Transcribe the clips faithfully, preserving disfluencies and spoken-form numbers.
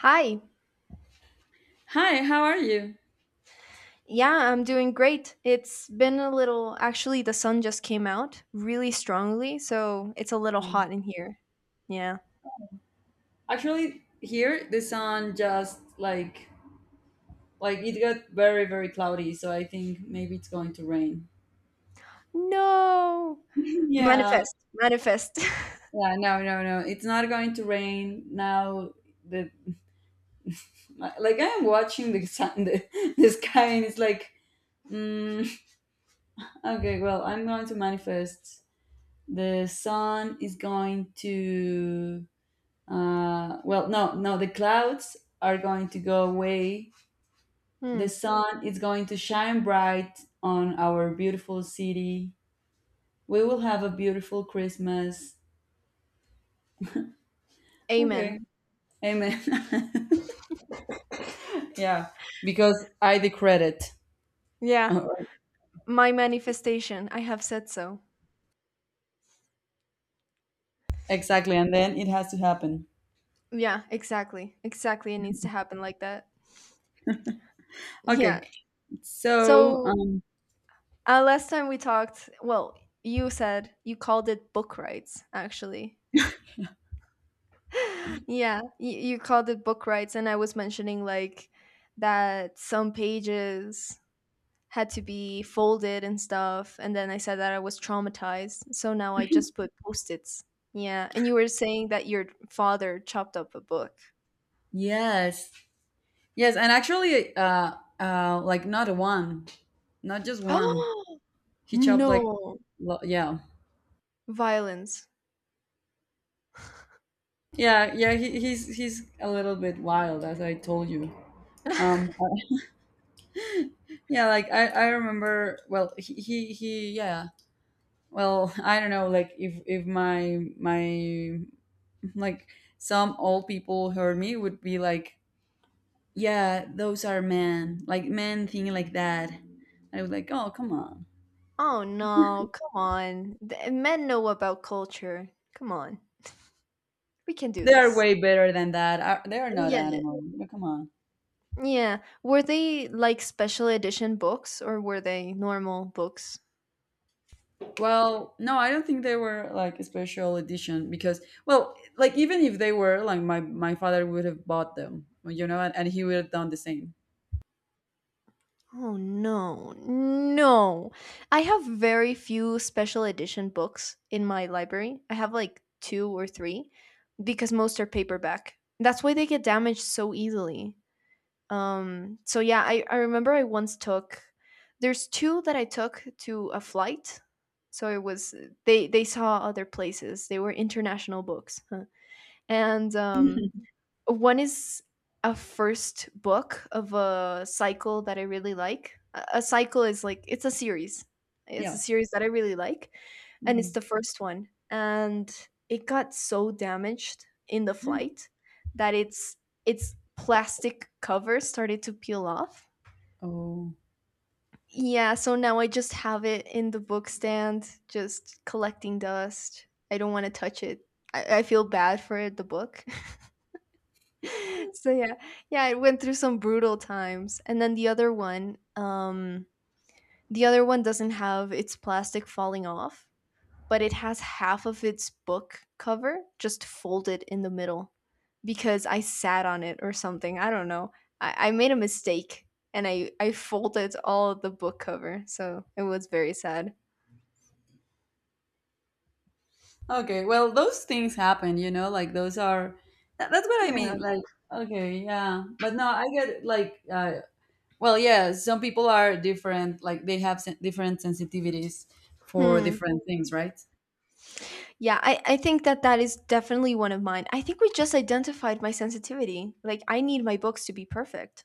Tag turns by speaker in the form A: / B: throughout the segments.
A: Hi.
B: Hi, how are you?
A: Yeah, I'm doing great. It's been a little, actually, the sun just came out really strongly, so it's a little hot in here. Yeah.
B: Actually, here the sun just like like it got very very cloudy, so I think maybe it's going to rain.
A: No.
B: Yeah.
A: Manifest. Manifest.
B: Yeah, no, no, no. It's not going to rain now. The like I am watching the sun, the, the sky, and it's like, mm, okay, well, I'm going to manifest. The sun is going to, uh, well, no, no, the clouds are going to go away. The
A: Hmm.
B: sun is going to shine bright on our beautiful city. We will have a beautiful Christmas.
A: Amen.
B: Okay. Amen. Yeah, because I decreed it.
A: Yeah. My manifestation. I have said so.
B: Exactly, and then it has to happen.
A: Yeah, exactly. Exactly. It needs to happen like that. Yeah.
B: Okay. So,
A: So,
B: um
A: uh, last time we talked, well, you said you called it book rights, actually. yeah you, you called it book rights, and I was mentioning like that some pages had to be folded and stuff, and then I said that I was traumatized, so now I just put post-its. Yeah, and you were saying that your father chopped up a book.
B: yes. Yes, and actually uh uh like not one, not just one.
A: Oh
B: He chopped like
A: no,
B: lo- yeah.
A: violence.
B: Yeah, yeah, he, he's he's a little bit wild as I told you. Um yeah, like i i remember, well he he, he yeah, yeah. Well, I don't know, like if if my my like some old people heard me, would be like, yeah, those are men, like men thinking like that. I was like, oh, come on,
A: Oh no, come on. Th- men know about culture, come on, we can do
B: they are
A: this.
B: way better than that. Are- they are not
A: Yeah.
B: animals. No, come on.
A: Yeah. Were they like special edition books or were they normal books?
B: Well, no, I don't think they were like a special edition, because well, like even if they were, like my my father would have bought them, you know, and, and he would have done the same.
A: Oh no. No. I have very few special edition books in my library. I have like two or three because most are paperback. That's why they get damaged so easily. Um so yeah, I I remember I once took, there's two that I took to a flight. So it was, they they saw other places. They were international books. Huh. And um
B: Mhm.
A: one is a first book of a cycle that I really like. A a cycle is like, it's a series. It's a
B: Yeah.
A: series that I really like, and it's the
B: Mm-hmm.
A: first one. And it got so damaged in the flight that its its plastic cover started to peel off.
B: Oh,
A: Yeah, so now I just have it in the book stand, just collecting dust. I don't want to touch it. I, I feel bad for the book. So yeah, yeah, it went through some brutal times, and then the other one, um, the other one doesn't have its plastic falling off, but it has half of its book cover just folded in the middle because I sat on it or something. I don't know. I, I made a mistake, and I I folded all of the book cover, so it was very sad.
B: okay. Well, those things happen, you know, like those are that, that's what I
A: Yeah.
B: mean. Like, okay, yeah. But no, I get like, uh, well, yeah, some people are different, like they have sen- different sensitivities for
A: Hmm.
B: different things, right?
A: Yeah, I, I think that that is definitely one of mine. I think we just identified my sensitivity. Like, I need my books to be perfect.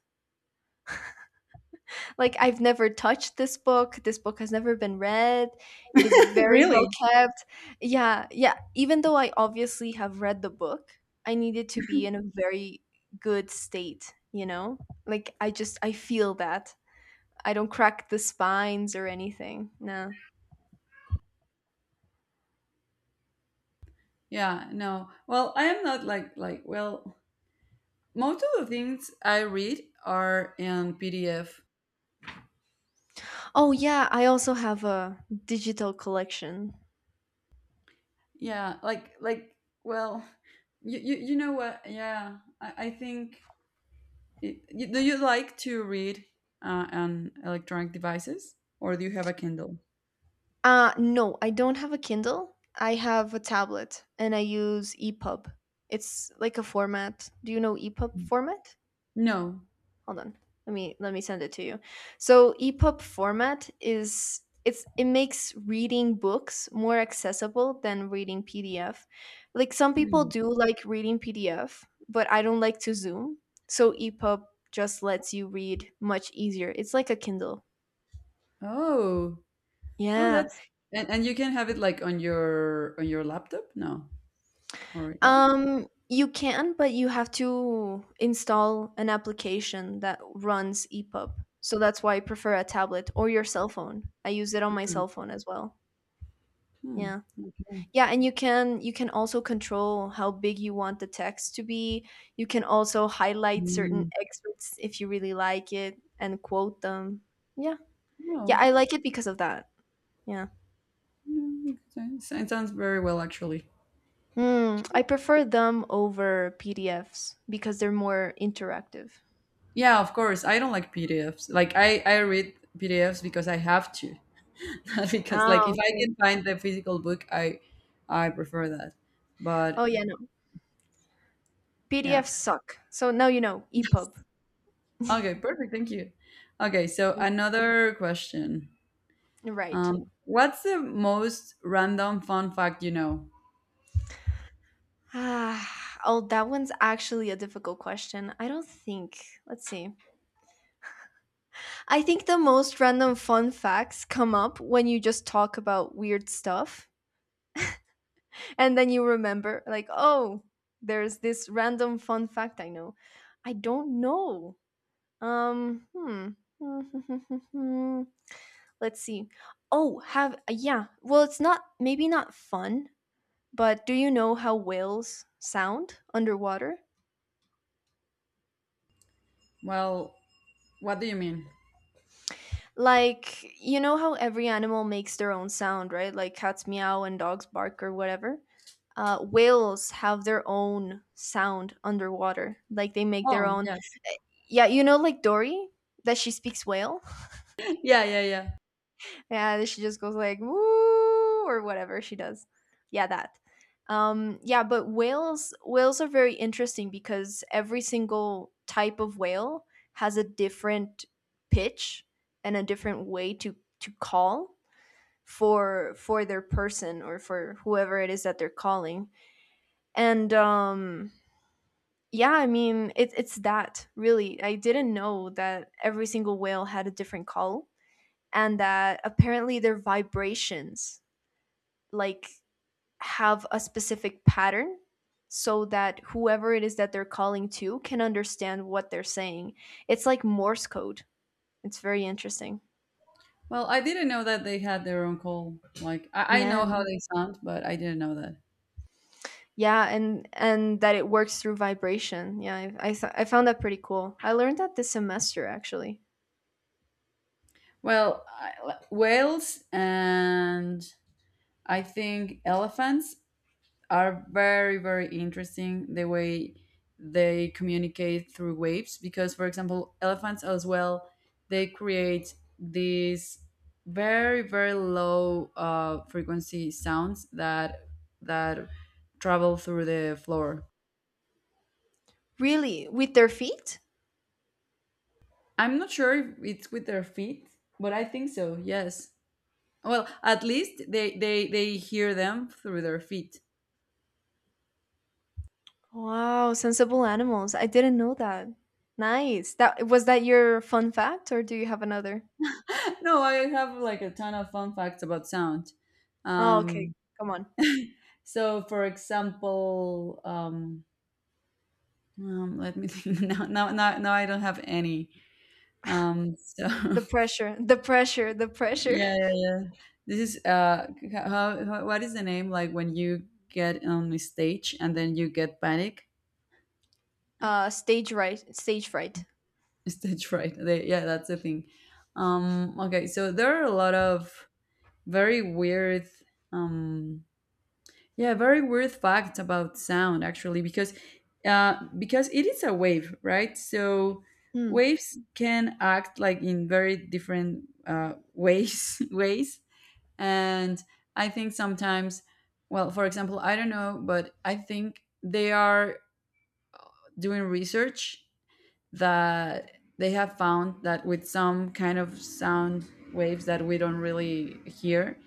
A: Like, I've never touched this book. This book has never been read. It is very well
B: Really?
A: kept. Yeah, yeah. Even though I obviously have read the book, I need it to be in a very good state, you know? Like, I just I feel that. I don't crack the spines or anything. No.
B: Yeah, no. Well, I am not like, like, well, most of the things I read are in P D F.
A: Oh yeah, I also have a digital collection.
B: Yeah, like, like, well, you, you, you know what? Yeah, I, I think. Y- Do you like to read uh, on electronic devices, or do you have a Kindle?
A: Uh no, I don't have a Kindle. I have a tablet and I use E P U B. It's like a format. Do you know E P U B format?
B: No.
A: Hold on, let me let me send it to you. So E P U B format is, it's, it makes reading books more accessible than reading P D F. Like, some people
B: Hmm.
A: do like reading P D F, but I don't like to zoom. So E P U B just lets you read much easier. It's like a Kindle.
B: Oh, oh,
A: Yeah.
B: that's and, and you can have it like on your on your laptop. No, or yeah.
A: um you can, but you have to install an application that runs E P U B. So that's why I prefer a tablet or your cell phone. I use it on my cell phone as well.
B: Hmm.
A: Yeah.
B: Okay.
A: Yeah, and you can, you can also control how big you want the text to be. You can also highlight certain
B: Mm.
A: excerpts if you really like it and quote them. Yeah. Yeah,
B: No,
A: I like it because of that. Yeah.
B: no, it sounds it sounds very well, actually.
A: Hmm, I prefer them over P D Fs because they're more interactive.
B: Yeah, of course. I don't like P D Fs. Like I I read P D Fs because I have to, not because, like
A: Oh,
B: if I
A: okay.
B: can find the physical book, I I prefer that.
A: Oh,
B: But
A: yeah, no.
B: yeah.
A: P D Fs suck. So now you know, E P U B.
B: Okay, perfect. Thank you. Okay, so another question.
A: Right.
B: Um, what's the most random fun fact you know?
A: Ah, oh, that one's actually a difficult question. I don't think. Let's see. I think the most random fun facts come up when you just talk about weird stuff, and then you remember like, oh, there's this random fun fact I know. I don't know. Um, hmm. Let's see. Oh, have yeah. Well, it's not, maybe not fun, but do you know how whales sound underwater?
B: Well, what do you mean?
A: Like, you know how every animal makes their own sound, right? Like cats meow and dogs bark or whatever. uh, whales have their own sound underwater. Like, they make their
B: Oh,
A: own.
B: yes.
A: Yeah, you know, like Dory, that she speaks whale.
B: Yeah, yeah, yeah.
A: Yeah, that she just goes like woo or whatever she does. Yeah, that. Um, yeah, but whales whales are very interesting because every single type of whale has a different pitch and a different way to to call for for their person or for whoever it is that they're calling. And um yeah, I mean, it's it's that really. I didn't know that every single whale had a different call and that apparently their vibrations, like, have a specific pattern so that whoever it is that they're calling to can understand what they're saying. It's like Morse code. It's very interesting.
B: Well, I didn't know that they had their own call. Like, I, I
A: Yeah.
B: know how they sound, but I didn't know that.
A: Yeah, and and that it works through vibration. Yeah, I I, th- I found that pretty cool. I learned that this semester actually.
B: Well, I, whales and I think elephants are very very interesting, the way they communicate through waves, because for example elephants as well, they create these very very low uh, frequency sounds that that travel through the floor.
A: Really, with their feet?
B: I'm not sure if it's with their feet, but I think so, yes. Well, at least they they they hear them through their feet.
A: Wow, sensible animals. I didn't know that. Nice. That was that your fun fact or do you have another?
B: No, I have like a ton of fun facts about sound.
A: Oh, okay.
B: um
A: Come on.
B: So, for example, um, um, let me think. Now, now, now, now I don't have any. Um, so,
A: The pressure, the pressure, the pressure.
B: yeah, yeah, yeah. This is uh, how, how, what is the name? Like when you get on the stage and then you get panic.
A: Uh stage right, stage fright.
B: Stage fright. They, yeah, that's the thing. Um, okay, so there are a lot of very weird. Um, Yeah, very weird fact about sound, actually, because uh, because it is a wave, right? So
A: Hmm.
B: waves can act like in very different uh, ways, ways, and I think sometimes, well, for example, I don't know, but I think they are doing research that they have found that with some kind of sound waves that we don't really hear,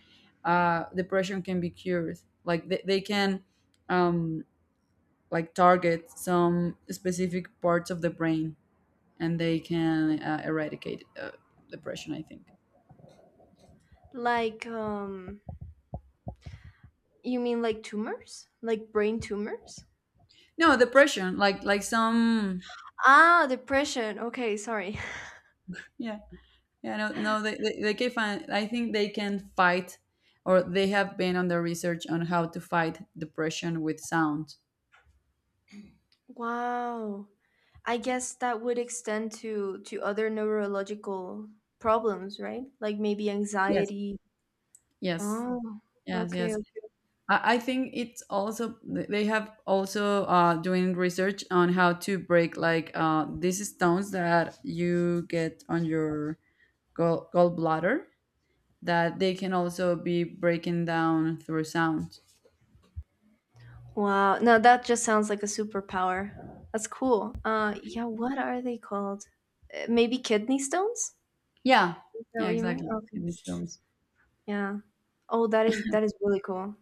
B: uh, depression can be cured. Like, they, they can um, like target some specific parts of the brain, and they can uh, eradicate uh, depression, I think.
A: Like um you mean like tumors? Like brain tumors?
B: No, depression, like like some.
A: Ah, depression. Okay, sorry.
B: Yeah, yeah, no, no, they, they, they can find. I think they can fight, or they have been on the research on how to fight depression with sound.
A: Wow. I guess that would extend to to other neurological problems, right? Like maybe
B: Yes.
A: anxiety.
B: Yes,
A: Oh,
B: yes,
A: okay.
B: yes. I, I think it's also th- they have also uh, doing research on how to break, like uh, these stones that you get on your gall- gallbladder, that they can also be breaking down through sound.
A: Wow. No, that just sounds like a superpower. That's cool. Uh, yeah, what are they called? Uh, Maybe kidney stones?
B: Yeah,
A: Is that
B: yeah,
A: what you mean?
B: exactly.
A: Okay.
B: Kidney stones.
A: Yeah. Oh, that is, that is really cool.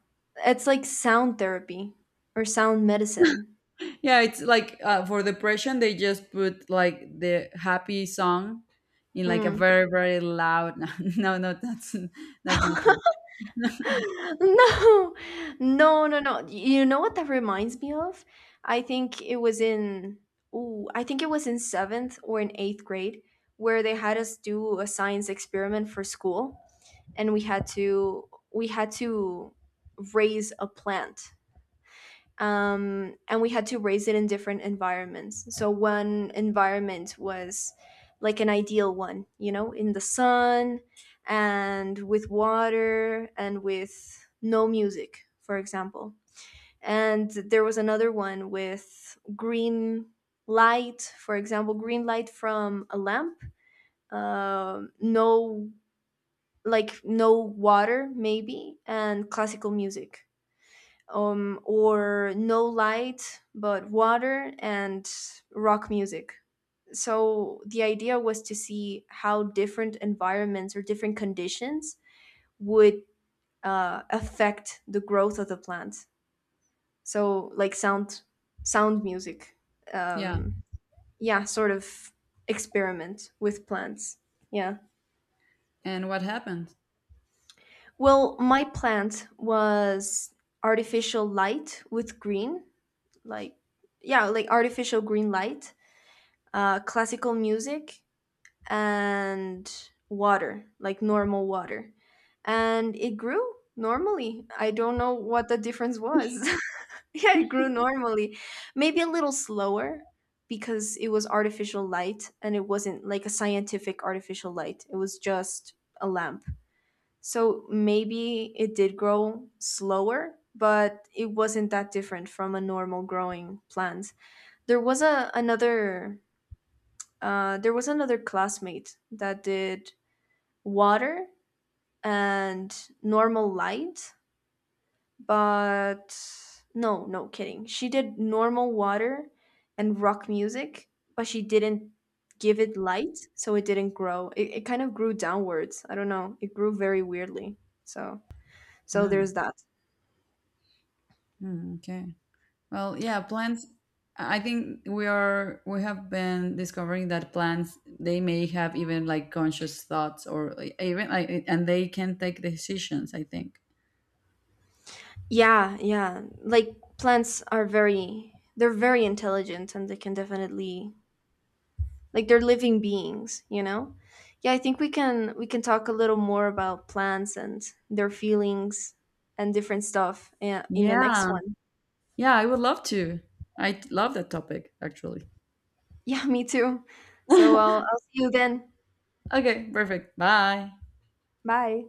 A: It's like sound therapy or sound medicine.
B: Yeah, it's like uh, for depression they just put like the happy song in, like a
A: Hmm.
B: very very loud. No, no, that's that's not true.
A: No, no, no, no. You know what that reminds me of? I think it was in, ooh, I think it was in seventh or in eighth grade where they had us do a science experiment for school, and we had to, we had to raise a plant, um, and we had to raise it in different environments. So one environment was like an ideal one, you know, in the sun and with water and with no music, for example. And there was another one with green light, for example, green light from a lamp, um, no, like no water maybe, and classical music, um, or no light but water and rock music. So the idea was to see how different environments or different conditions would uh, affect the growth of the plant. So like sound, sound music,
B: Yeah,
A: um, yeah, sort of experiment with plants. Yeah.
B: and what happened?
A: Well, my plant was artificial light with green, like, yeah, like artificial green light, uh, classical music and water, like normal water. And it grew normally. I don't know what the difference was. Yeah, it grew normally. Maybe a little slower because it was artificial light and it wasn't like a scientific artificial light, it was just a lamp. So maybe it did grow slower. But it wasn't that different from a normal growing plant. There was a another, uh, there was another classmate that did water and normal light, but no, no kidding. She did normal water and rock music, but she didn't give it light, so it didn't grow. It, it kind of grew downwards. I don't know. It grew very weirdly. So, so there's
B: Hmm.
A: that.
B: Mm, okay. Well, yeah, plants. I I think we are, we have been discovering that plants, they may have even like conscious thoughts, or like, even like, and they can take decisions, I think.
A: Yeah, yeah. Like, plants are very, they're very intelligent, and they can definitely, like, they're living beings, you know. Yeah, I think we can we can talk a little more about plants and their feelings and different stuff, yeah, in the next
B: Yeah.
A: one.
B: Yeah, I would love to. I love that topic, actually.
A: Yeah, me too. So i'll, I'll see you then.
B: Okay, perfect. Bye.
A: Bye.